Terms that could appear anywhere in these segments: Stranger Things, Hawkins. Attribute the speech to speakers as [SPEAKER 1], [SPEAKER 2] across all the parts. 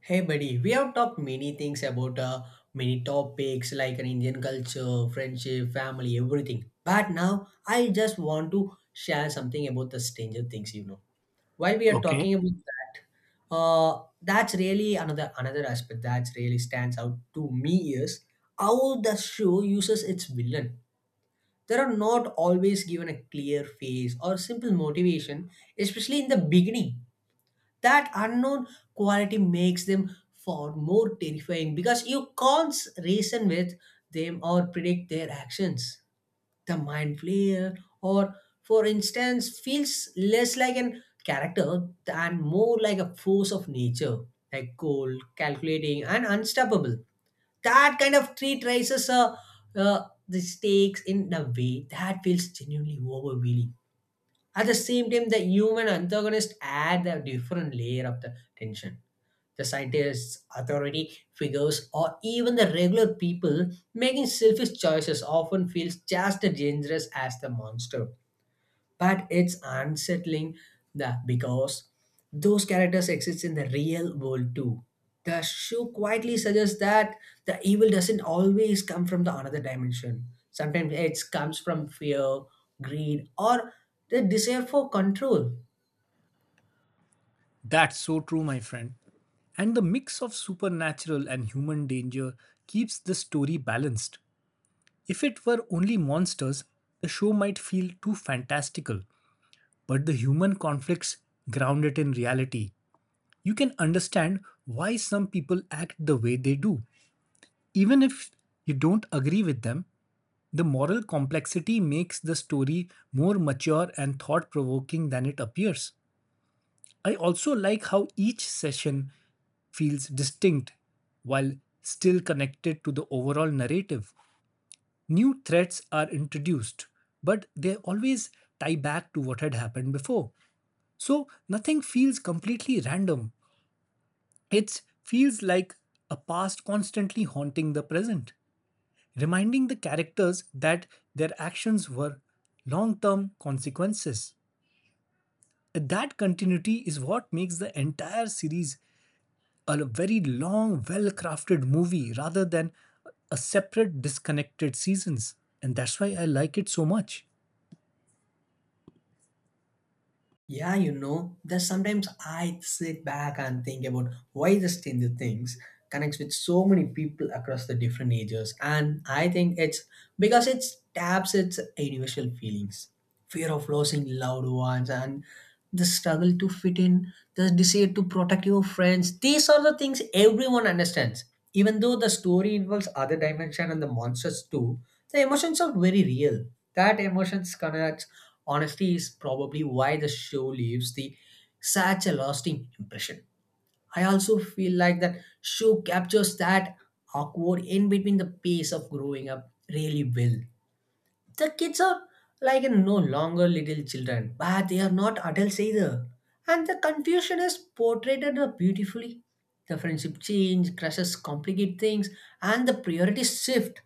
[SPEAKER 1] Hey buddy, we have talked many things about many topics like an Indian culture, friendship, family, everything. But now I just want to share something about the Stranger Things, you know. While we are
[SPEAKER 2] Okay,
[SPEAKER 1] talking about that, that's really another aspect that really stands out to me is how the show uses its villain. They are not always given a clear face or simple motivation, especially in the beginning that unknown quality makes them far more terrifying because you can't reason with them or predict their actions. The mind player, or for instance, feels less like an character and more like a force of nature, like cold, calculating, and unstoppable. That kind of treat raises uh, the stakes in a way that feels genuinely overwhelming. At the same time, the human antagonists add a different layer of the tension. The scientists, authority figures, or even the regular people making selfish choices often feels just as dangerous as the monster but it's unsettling that because those characters exist in the real world too. The show quietly suggests that the evil doesn't always come from the another dimension. Sometimes it comes from fear, greed, or the desire for control.
[SPEAKER 2] that's so true, my friend. And the mix of supernatural and human danger keeps the story balanced. If it were only monsters, the show might feel too fantastical, but the human conflicts ground it in reality. You can understand why some people act the way they do. Even if you don't agree with them, the moral complexity makes the story more mature and thought provoking than it appears. I also like how each session feels distinct while still connected to the overall narrative. New threats are introduced, but they always tie back to what had happened before. So nothing feels completely random. It feels like a past constantly haunting the present, reminding the characters that their actions were long term consequences. That continuity is what makes the entire series a very long, well crafted movie rather than a separate, disconnected seasons. And that's why I like it so much.
[SPEAKER 1] Yeah, you know, there's sometimes I sit back and think about why the Stranger Things connects with so many people across the different ages. And I think it's because it taps its universal feelings fear of losing loved ones and the struggle to fit in, the desire to protect your friends. These are the things everyone understands. Even though the story involves other dimension and the monsters too, the emotions are very real. That emotions connects Honesty is probably why the show leaves the such a lasting impression. I also feel like that show captures that awkward in between the pace of growing up really well. The kids are like no longer little children, but they are not adults either. And the confusion is portrayed beautifully. The friendship change, crushes complicate things, and the priorities shift.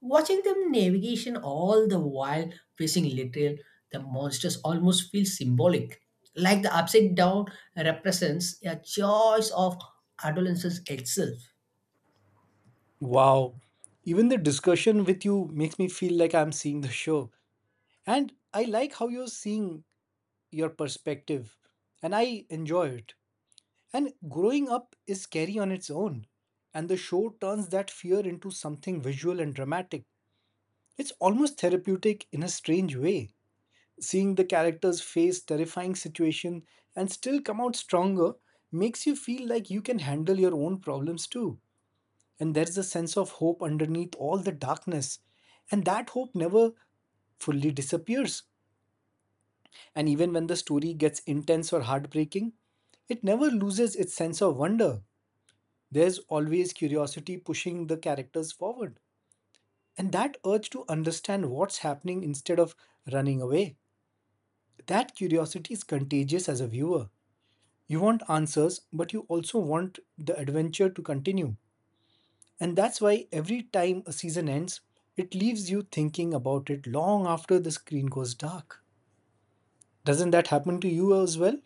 [SPEAKER 1] Watching them navigation all the while facing literal the monsters almost feels symbolic, like the upside down represents a choice of adolescence itself.
[SPEAKER 2] Wow. Even the discussion with you makes me feel like I'm seeing the show. And I like how you're seeing your perspective. And I enjoy it. And growing up is scary on its own. And the show turns that fear into something visual and dramatic. It's almost therapeutic in a strange way. Seeing the characters face terrifying situation and still come out stronger makes you feel like you can handle your own problems too. And there's a sense of hope underneath all the darkness. And that hope never fully disappears. And even when the story gets intense or heartbreaking, it never loses its sense of wonder. There's always curiosity pushing the characters forward. And that urge to understand what's happening instead of running away. That curiosity is contagious as a viewer. You want answers, but you also want the adventure to continue. And that's why every time a season ends, it leaves you thinking about it long after the screen goes dark. Doesn't that happen to you as well?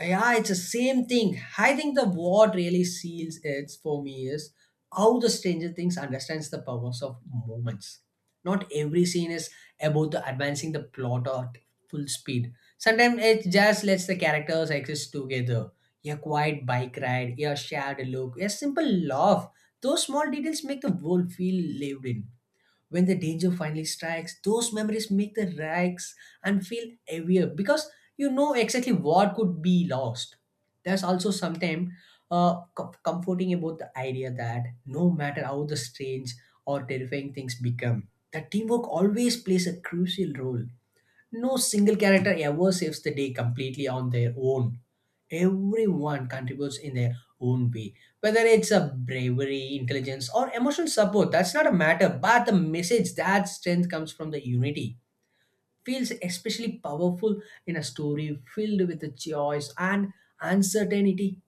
[SPEAKER 1] Yeah, it's the same thing. I think the what really seals it for me is how the Stranger Things understands the powers of moments. Not every scene is about the advancing the plot at full speed. Sometimes it just lets the characters exist together. A quiet bike ride, a shared look, a simple laugh. Those small details make the world feel lived in when the danger finally strikes, those memories make the rags and feel heavier because you know exactly what could be lost. There's also sometimes comforting about the idea that no matter how the strange or terrifying things become, the teamwork always plays a crucial role. No single character ever saves the day completely on their own. Everyone contributes in their own way. Whether it's a bravery, intelligence, or emotional support, that's not a matter, but the message that strength comes from the unity feels especially powerful in a story filled with the choice and uncertainty.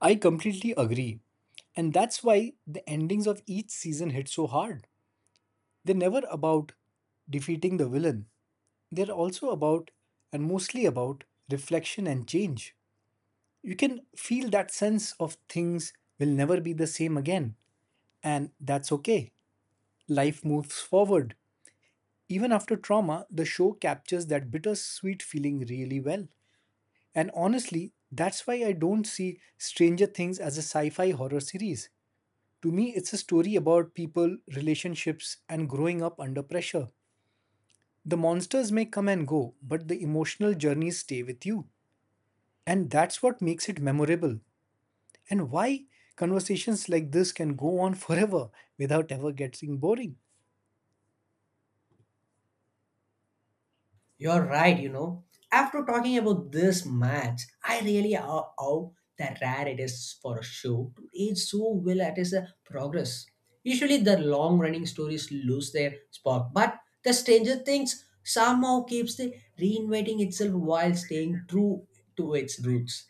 [SPEAKER 2] I completely agree. And that's why the endings of each season hit so hard. They're never about defeating the villain, they're also about, and mostly about, reflection and change. You can feel that sense of things will never be the same again, and that's okay. Life moves forward. Even after trauma, the show captures that bittersweet feeling really well. And honestly, that's why I don't see Stranger Things as a sci fi horror series. To me, it's a story about people, relationships, and growing up under pressure. The monsters may come and go, but the emotional journeys stay with you. And that's what makes it memorable. And why conversations like this can go on forever without ever getting boring.
[SPEAKER 1] You're right, you know. After talking about this match, I really how the rare it is for a show to age so well at its progress. Usually, the long running stories lose their spark, but the Stranger Things somehow keeps the reinventing itself while staying true to its roots.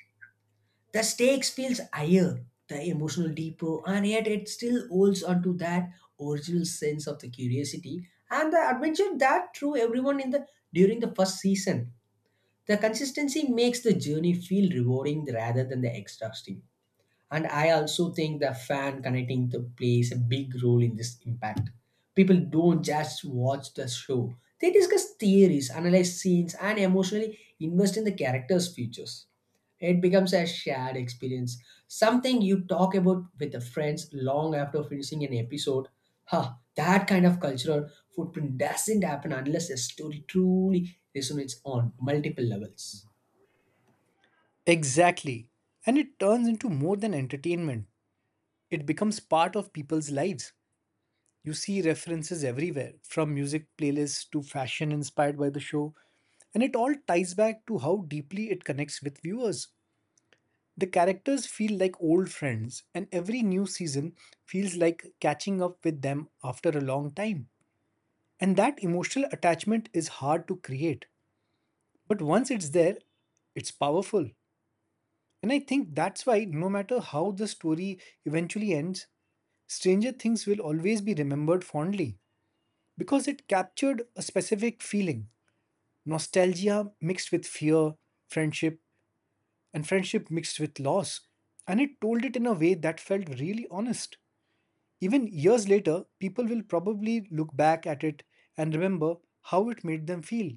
[SPEAKER 1] The stakes feels higher, the emotional deeper, and yet it still holds onto that original sense of the curiosity and the adventure that drew everyone in the during the first season. The consistency makes the journey feel rewarding rather than the exhausting. And I also think the fan connecting to plays a big role in this impact. People don't just watch the show, they discuss theories, analyze scenes, and emotionally invest in the characters' futures. It becomes a shared experience, something you talk about with the friends long after finishing an episode. Huh, that kind of cultural footprint doesn't happen unless a story truly resonates on multiple levels.
[SPEAKER 2] Exactly. And it turns into more than entertainment. It becomes part of people's lives. You see references everywhere, from music playlists to fashion inspired by the show, and it all ties back to how deeply it connects with viewers. The characters feel like old friends, and every new season feels like catching up with them after a long time. And that emotional attachment is hard to create. But once it's there, it's powerful. And I think that's why, no matter how the story eventually ends, Stranger Things will always be remembered fondly because it captured a specific feeling nostalgia mixed with fear, friendship, and friendship mixed with loss. And it told it in a way that felt really honest. Even years later, people will probably look back at it and remember how it made them feel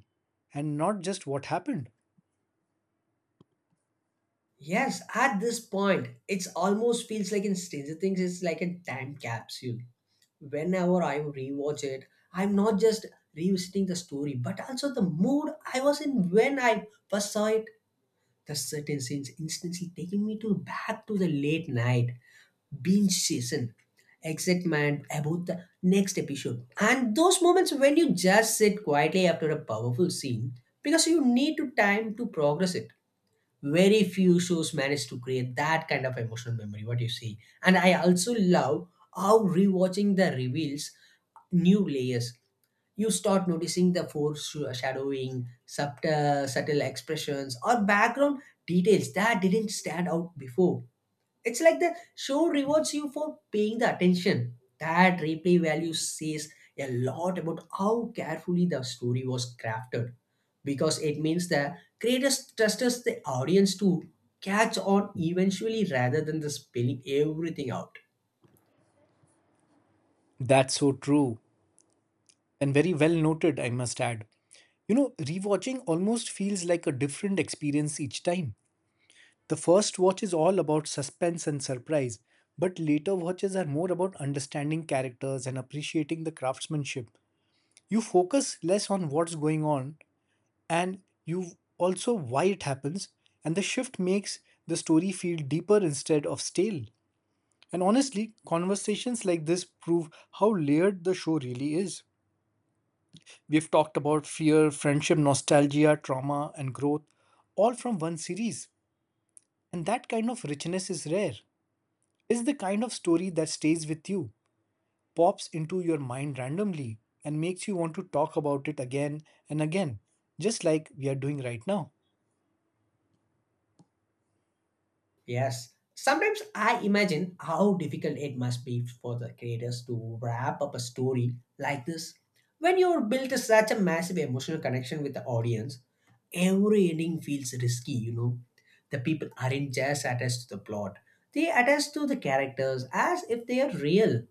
[SPEAKER 2] and not just what happened.
[SPEAKER 1] Yes, at this point, it's almost feels like in Stranger Things, it's like a time capsule. Whenever I rewatch it, I'm not just revisiting the story, but also the mood I was in when I first saw it. The certain scenes instantly taking me to back to the late night binge season excitement about the next episode and those moments when you just sit quietly after a powerful scene because you need to time to progress it very few shows manage to create that kind of emotional memory what you see and I also love how rewatching the reveals new layers you start noticing the foreshadowing, subtle expressions, or background details that didn't stand out before. It's like the show rewards you for paying the attention. That replay value says a lot about how carefully the story was crafted because it means the creators trusts the audience to catch on eventually rather than the spelling everything out.
[SPEAKER 2] That's so true and very well noted, I must add. You know, rewatching almost feels like a different experience each time. The first watch is all about suspense and surprise, but later watches are more about understanding characters and appreciating the craftsmanship. You focus less on what's going on and you also why it happens, and the shift makes the story feel deeper instead of stale. And honestly, conversations like this prove how layered the show really is. We've talked about fear, friendship, nostalgia, trauma, and growth, all from one series. And that kind of richness is rare. It's the kind of story that stays with you, pops into your mind randomly, and makes you want to talk about it again and again, just like we are doing right now.
[SPEAKER 1] Yes. Sometimes I imagine how difficult it must be for the creators to wrap up a story like this. When you build such a massive emotional connection with the audience, every ending feels risky, you know. The people aren't just attached to the plot, they attach to the characters as if they are real.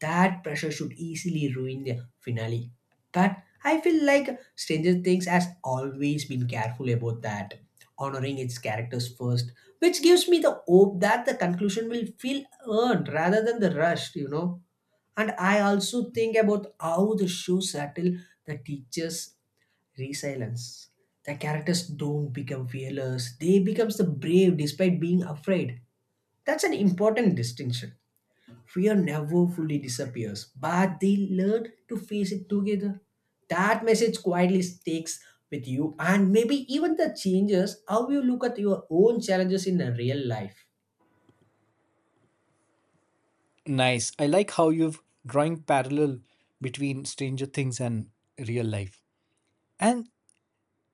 [SPEAKER 1] That pressure should easily ruin the finale. But I feel like Stranger Things has always been careful about that, honoring its characters first, which gives me the hope that the conclusion will feel earned rather than the rushed, you know. And I also think about how the show settle the teachers' resilience. The characters don't become fearless; they becomes the brave despite being afraid. That's an important distinction. Fear never fully disappears, but they learn to face it together. That message quietly sticks with you and maybe even the changes how you look at your own challenges in the real life.
[SPEAKER 2] Nice. I like how you've drawing parallel between Stranger Things and real life. And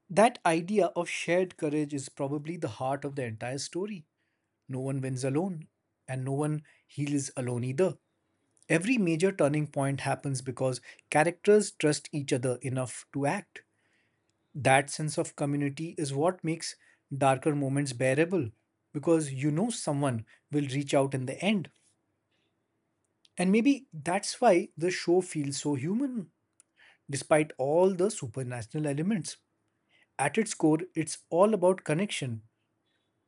[SPEAKER 2] that idea of shared courage is probably the heart of the entire story. No one wins alone, and no one heals alone either. Every major turning point happens because characters trust each other enough to act. That sense of community is what makes darker moments bearable because you know someone will reach out in the end. And maybe that's why the show feels so human, despite all the supernatural elements. At its core, it's all about connection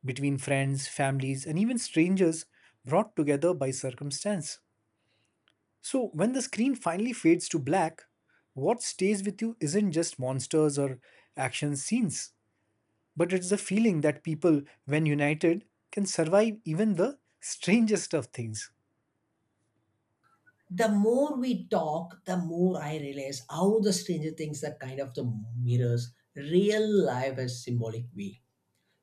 [SPEAKER 2] between friends, families, and even strangers brought together by circumstance. So, when the screen finally fades to black, what stays with you isn't just monsters or action scenes, but it's the feeling that people, when united, can survive even the strangest of things.
[SPEAKER 1] The more we talk, the more I realize how the Stranger Things are kind of the mirrors real life as symbolic way.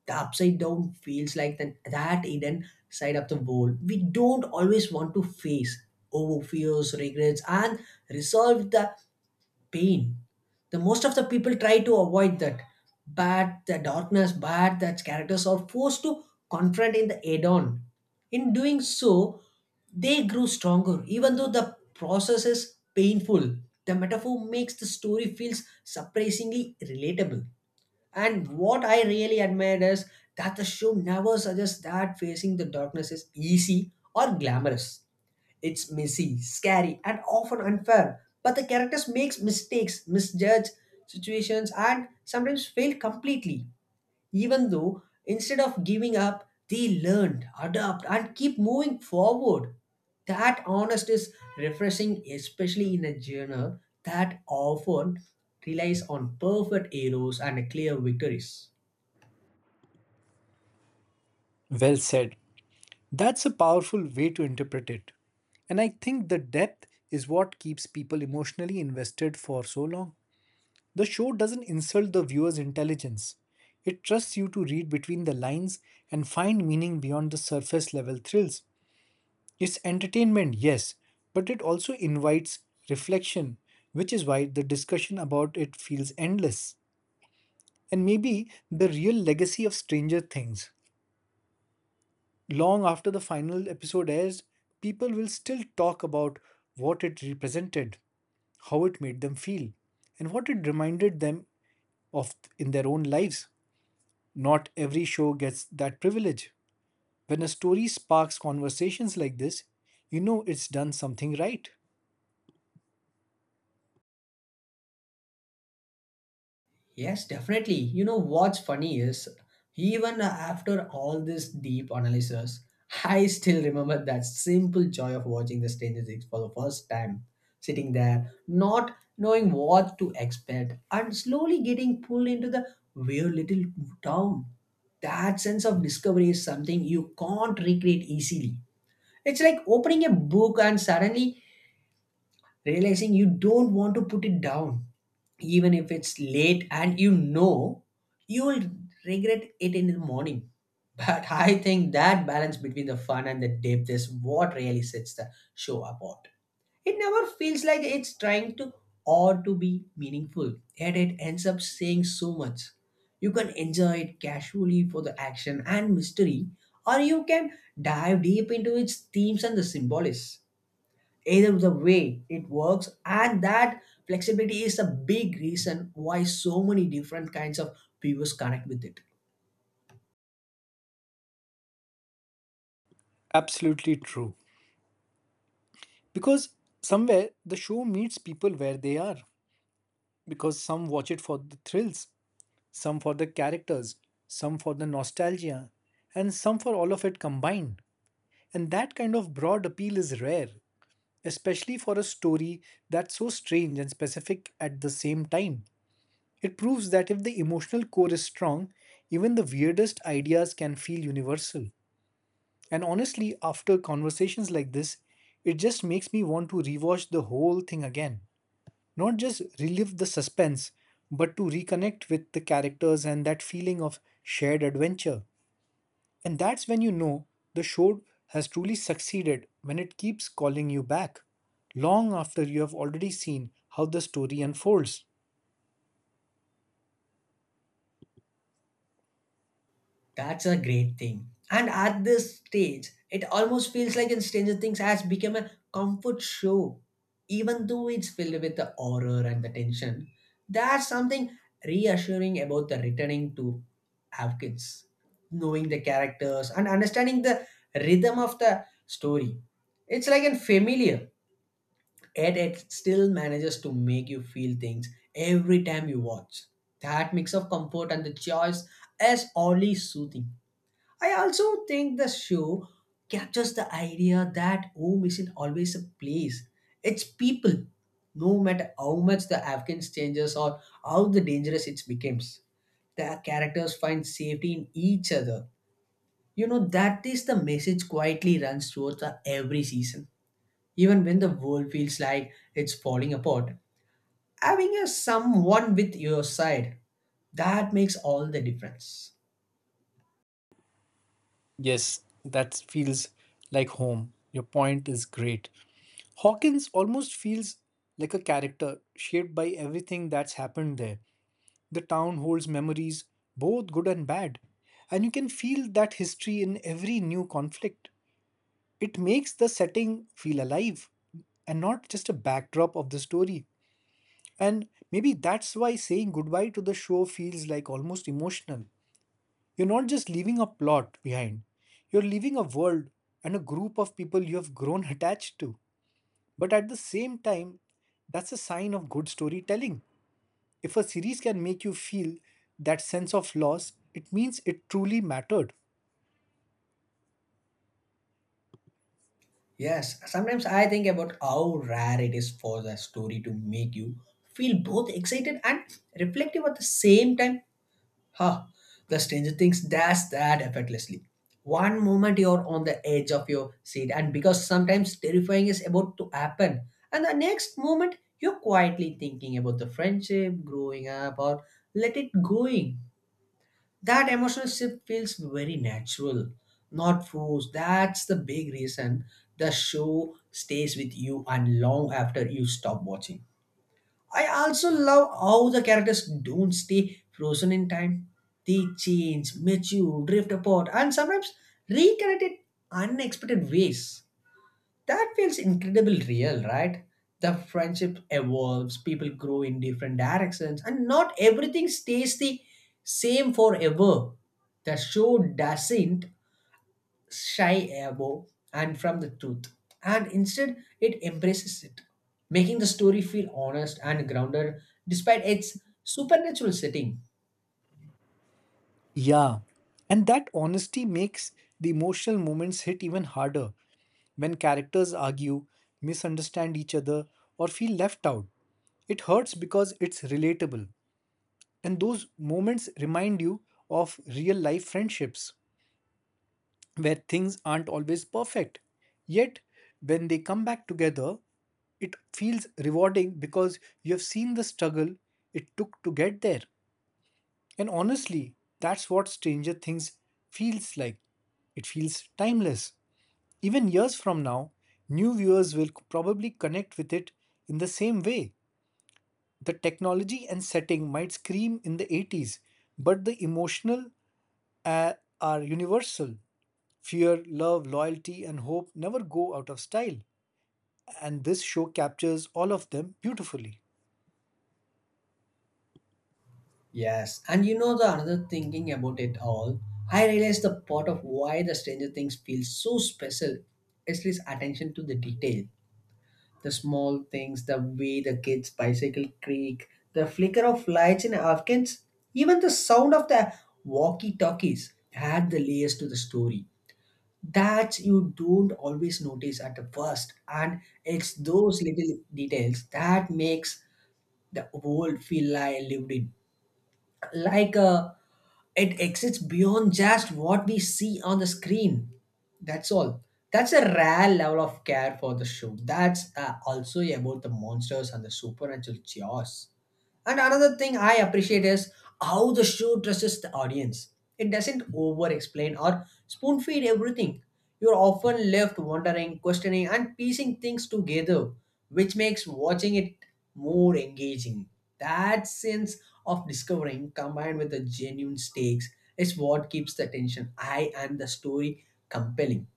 [SPEAKER 1] The upside down feels like the, that hidden side of the world we don't always want to face over fears, regrets, and resolve the pain. The most of the people try to avoid that, but the darkness, but that characters are forced to confront in the add-on. In doing so, they grew stronger, even though the process is painful. The metaphor makes the story feels surprisingly relatable. And what I really admired is that the show never suggests that facing the darkness is easy or glamorous. It's messy, scary, and often unfair. But the characters makes mistakes, misjudge situations, and sometimes fail completely. Even though instead of giving up, they learn, adapt, and keep moving forward. That honest is refreshing, especially in a genre that often relies on perfect heroes and clear victories.
[SPEAKER 2] Well said. That's a powerful way to interpret it. And I think the depth is what keeps people emotionally invested for so long. The show doesn't insult the viewer's intelligence. It trusts you to read between the lines and find meaning beyond the surface level thrills. It's entertainment, yes, but it also invites reflection, which is why the discussion about it feels endless. And maybe the real legacy of Stranger Things. Long after the final episode airs, people will still talk about what it represented, how it made them feel, and what it reminded them of in their own lives. Not every show gets that privilege. When a story sparks conversations like this, you know it's done something right.
[SPEAKER 1] Yes, definitely. You know what's funny is even after all this deep analysis, I still remember that simple joy of watching the Stranger Things for the first time, sitting there, not knowing what to expect, and slowly getting pulled into the weird little town. That sense of discovery is something you can't recreate easily. It's like opening a book and suddenly realizing you don't want to put it down, even if it's late and you know you will regret it in the morning. But I think that balance between the fun and the depth is what really sets the show apart. It never feels like it's trying to or to be meaningful, yet it ends up saying so much. You can enjoy it casually for the action and mystery, or you can dive deep into its themes and the symbolism either the way it works and that flexibility is a big reason why so many different kinds of viewers connect with it.
[SPEAKER 2] Absolutely true. Because somewhere the show meets people where they are. Because some watch it for the thrills, some for the characters, some for the nostalgia, and some for all of it combined. And that kind of broad appeal is rare, especially for a story that's so strange and specific at the same time. It proves that if the emotional core is strong, even the weirdest ideas can feel universal. And honestly, after conversations like this, it just makes me want to rewatch the whole thing again. Not just relive the suspense, but to reconnect with the characters and that feeling of shared adventure. And that's when you know the show has truly succeeded when it keeps calling you back, long after you have already seen how the story unfolds.
[SPEAKER 1] That's a great thing and at this stage it almost feels like in Stranger Things has become a comfort show even though it's filled with the horror and the tension there's something reassuring about the returning to Hawkins, knowing the characters and understanding the rhythm of the story. It's like a familiar. Yet it still manages to make you feel things every time you watch. That mix of comfort and the choice is oddly soothing. I also think the show captures the idea that home isn't always a place, it's people, no matter how much the Afghans changes or how the dangerous it becomes the characters find safety in each other. You know, that is the message quietly runs throughout the every season. Even when the world feels like it's falling apart, having a someone with your side, that makes all the difference.
[SPEAKER 2] Yes, that feels like home. Your point is great. Hawkins almost feels like a character shaped by everything that's happened there. The town holds memories, both good and bad, and you can feel that history in every new conflict. It makes the setting feel alive and not just a backdrop of the story. And maybe that's why saying goodbye to the show feels like almost emotional. You're not just leaving a plot behind, you're leaving a world and a group of people you have grown attached to. But at the same time, that's a sign of good storytelling. If a series can make you feel that sense of loss, it means it truly mattered.
[SPEAKER 1] Yes, sometimes I think about how rare it is for the story to make you feel both excited and reflective at the same time Ha! The Stranger Things does that effortlessly. One moment you're on the edge of your seat, and because sometimes terrifying is about to happen, and the next moment you're quietly thinking about the friendship, growing up, or let it going. That emotional shift feels very natural, not forced. That's the big reason the show stays with you and long after you stop watching. I also love how the characters don't stay frozen in time. They change, mature, drift apart, and sometimes reconnect in unexpected ways. That feels incredibly real, right? The friendship evolves, people grow in different directions, and not everything stays the same forever. The show doesn't shy above and from the truth, and instead it embraces it, making the story feel honest and grounded despite its supernatural setting.
[SPEAKER 2] Yeah. And that honesty makes the emotional moments hit even harder when characters argue, misunderstand each other, or feel left out. It hurts because it's relatable. And those moments remind you of real life friendships, where things aren't always perfect. Yet, when they come back together, it feels rewarding because you have seen the struggle it took to get there. And honestly, that's what Stranger Things feels like. It feels timeless. Even years from now, new viewers will probably connect with it in the same way. The technology and setting might scream in the 80s, but the emotional uh, are universal. Fear, love, loyalty, and hope never go out of style, and this show captures all of them beautifully.
[SPEAKER 1] Yes, and you know the another thinking about it all, I realized the part of why the Stranger Things feels so special is its attention to the detail. The small things, the way the kids' bicycle creak, the flicker of lights in Afghans, even the sound of the walkie talkies add the layers to the story, that you don't always notice at the first, and it's those little details that makes the world feel like lived in, like it exists beyond just what we see on the screen. That's all. That's a rare level of care for the show that's also about the monsters and the supernatural chaos. And another thing I appreciate is how the show dresses the audience. It doesn't over explain or spoon feed everything. You're often left wondering, questioning, and piecing things together, which makes watching it more engaging. That sense of discovering combined with the genuine stakes is what keeps the tension high and the story compelling.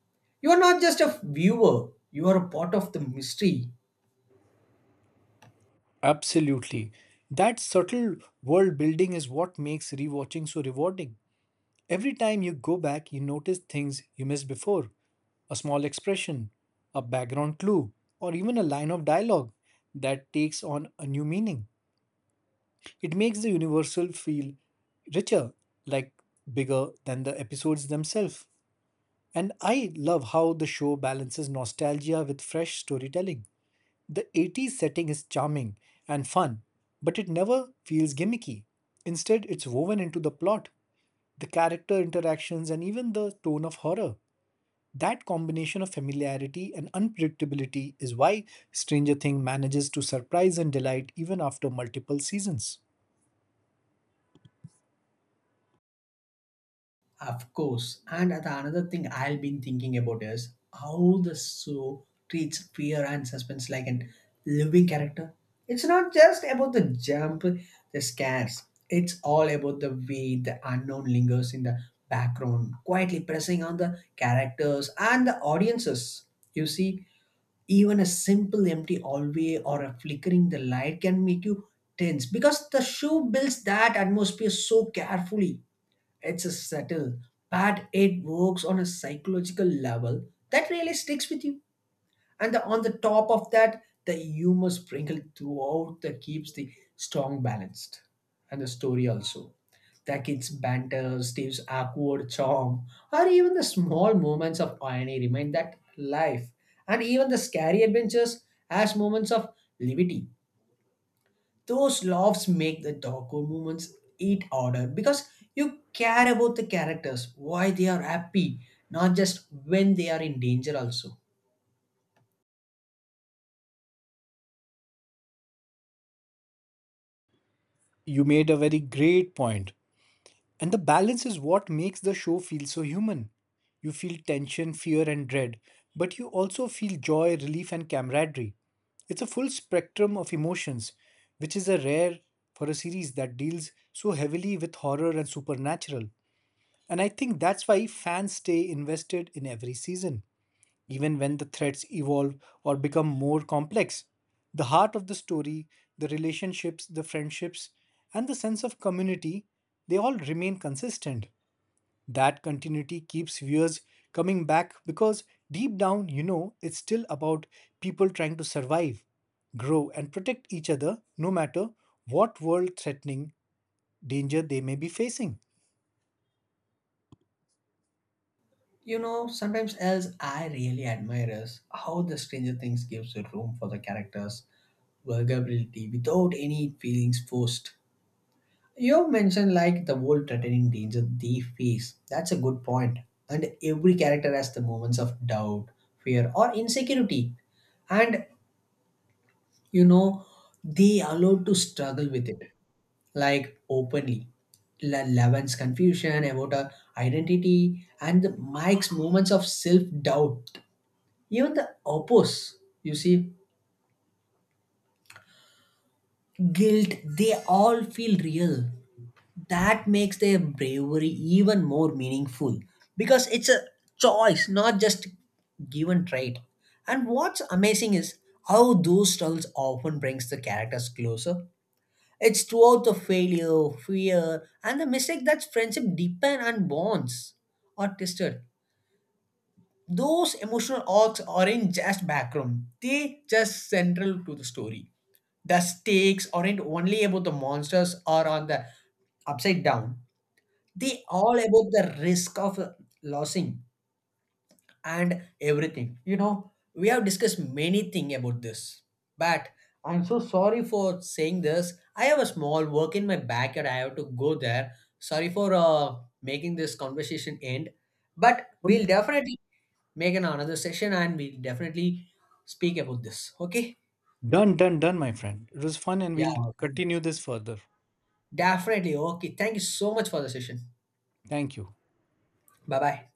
[SPEAKER 1] You are not just a viewer, you are a part of the mystery.
[SPEAKER 2] Absolutely. That subtle world building is what makes rewatching so rewarding. Every time you go back, you notice things you missed before a small expression, a background clue, or even a line of dialogue that takes on a new meaning. It makes the universal feel richer, like bigger than the episodes themselves. And I love how the show balances nostalgia with fresh storytelling. The 80s setting is charming and fun, but it never feels gimmicky. Instead, it's woven into the plot, the character interactions, and even the tone of horror. That combination of familiarity and unpredictability is why Stranger Things manages to surprise and delight even after multiple seasons.
[SPEAKER 1] Of course. And the another thing I'll been thinking about is how the show treats fear and suspense like an living character. It's not just about the jump, the scares. It's all about the way the unknown lingers in the background, quietly pressing on the characters and the audiences. You see, even a simple empty hallway or a flickering the light can make you tense because the show builds that atmosphere so carefully. It's a subtle, but it works on a psychological level that really sticks with you. And on the top of that, the humor sprinkled throughout that keeps the strong balanced. And the story also. The kids' banter, Steve's awkward charm, or even the small moments of irony remind that life and even the scary adventures as moments of levity, those laughs make the Doggo moments eat harder because you care about the characters, why they are happy, not just when they are in danger also.
[SPEAKER 2] You made a very great point. And the balance is what makes the show feel so human. You feel tension, fear, and dread, but you also feel joy, relief, and camaraderie. It's a full spectrum of emotions, which is a rare for a series that deals so heavily with horror and supernatural. And I think that's why fans stay invested in every season. Even when the threats evolve or become more complex, the heart of the story, the relationships, the friendships, and the sense of community, they all remain consistent. That continuity keeps viewers coming back because deep down, you know, it's still about people trying to survive, grow, and protect each other no matter what world threatening danger they may be facing.
[SPEAKER 1] You know, sometimes else I really admire is how the Stranger Things gives it room for the characters vulnerability without any feelings forced. You mentioned like the whole threatening danger they face. That's a good point. And every character has the moments of doubt, fear, or insecurity. And you know they allowed to struggle with it, like openly. Levin's confusion about her identity and the mike's moments of self-doubt, even the oppose you see guilt, they all feel real. That makes their bravery even more meaningful because it's a choice, not just given trait. And what's amazing is how those struggles often brings the characters closer. It's throughout the failure, fear, and the mistake that friendship deepen and bonds are tested. Those emotional arcs aren't just background, they just central to the story. The stakes aren't only about the monsters or on the upside down. They all about the risk of losing and everything. You know, we have discussed many things about this, but I'm so sorry for saying this. I have a small work in my backyard. I have to go there. Sorry for making this conversation end, but we'll definitely make an another session and we'll definitely speak about this. Okay?
[SPEAKER 2] Done, done, done, my friend. It was fun and
[SPEAKER 1] Yeah,
[SPEAKER 2] we'll continue this further.
[SPEAKER 1] definitely. Okay. Thank you so much for the session.
[SPEAKER 2] Thank you.
[SPEAKER 1] Bye bye.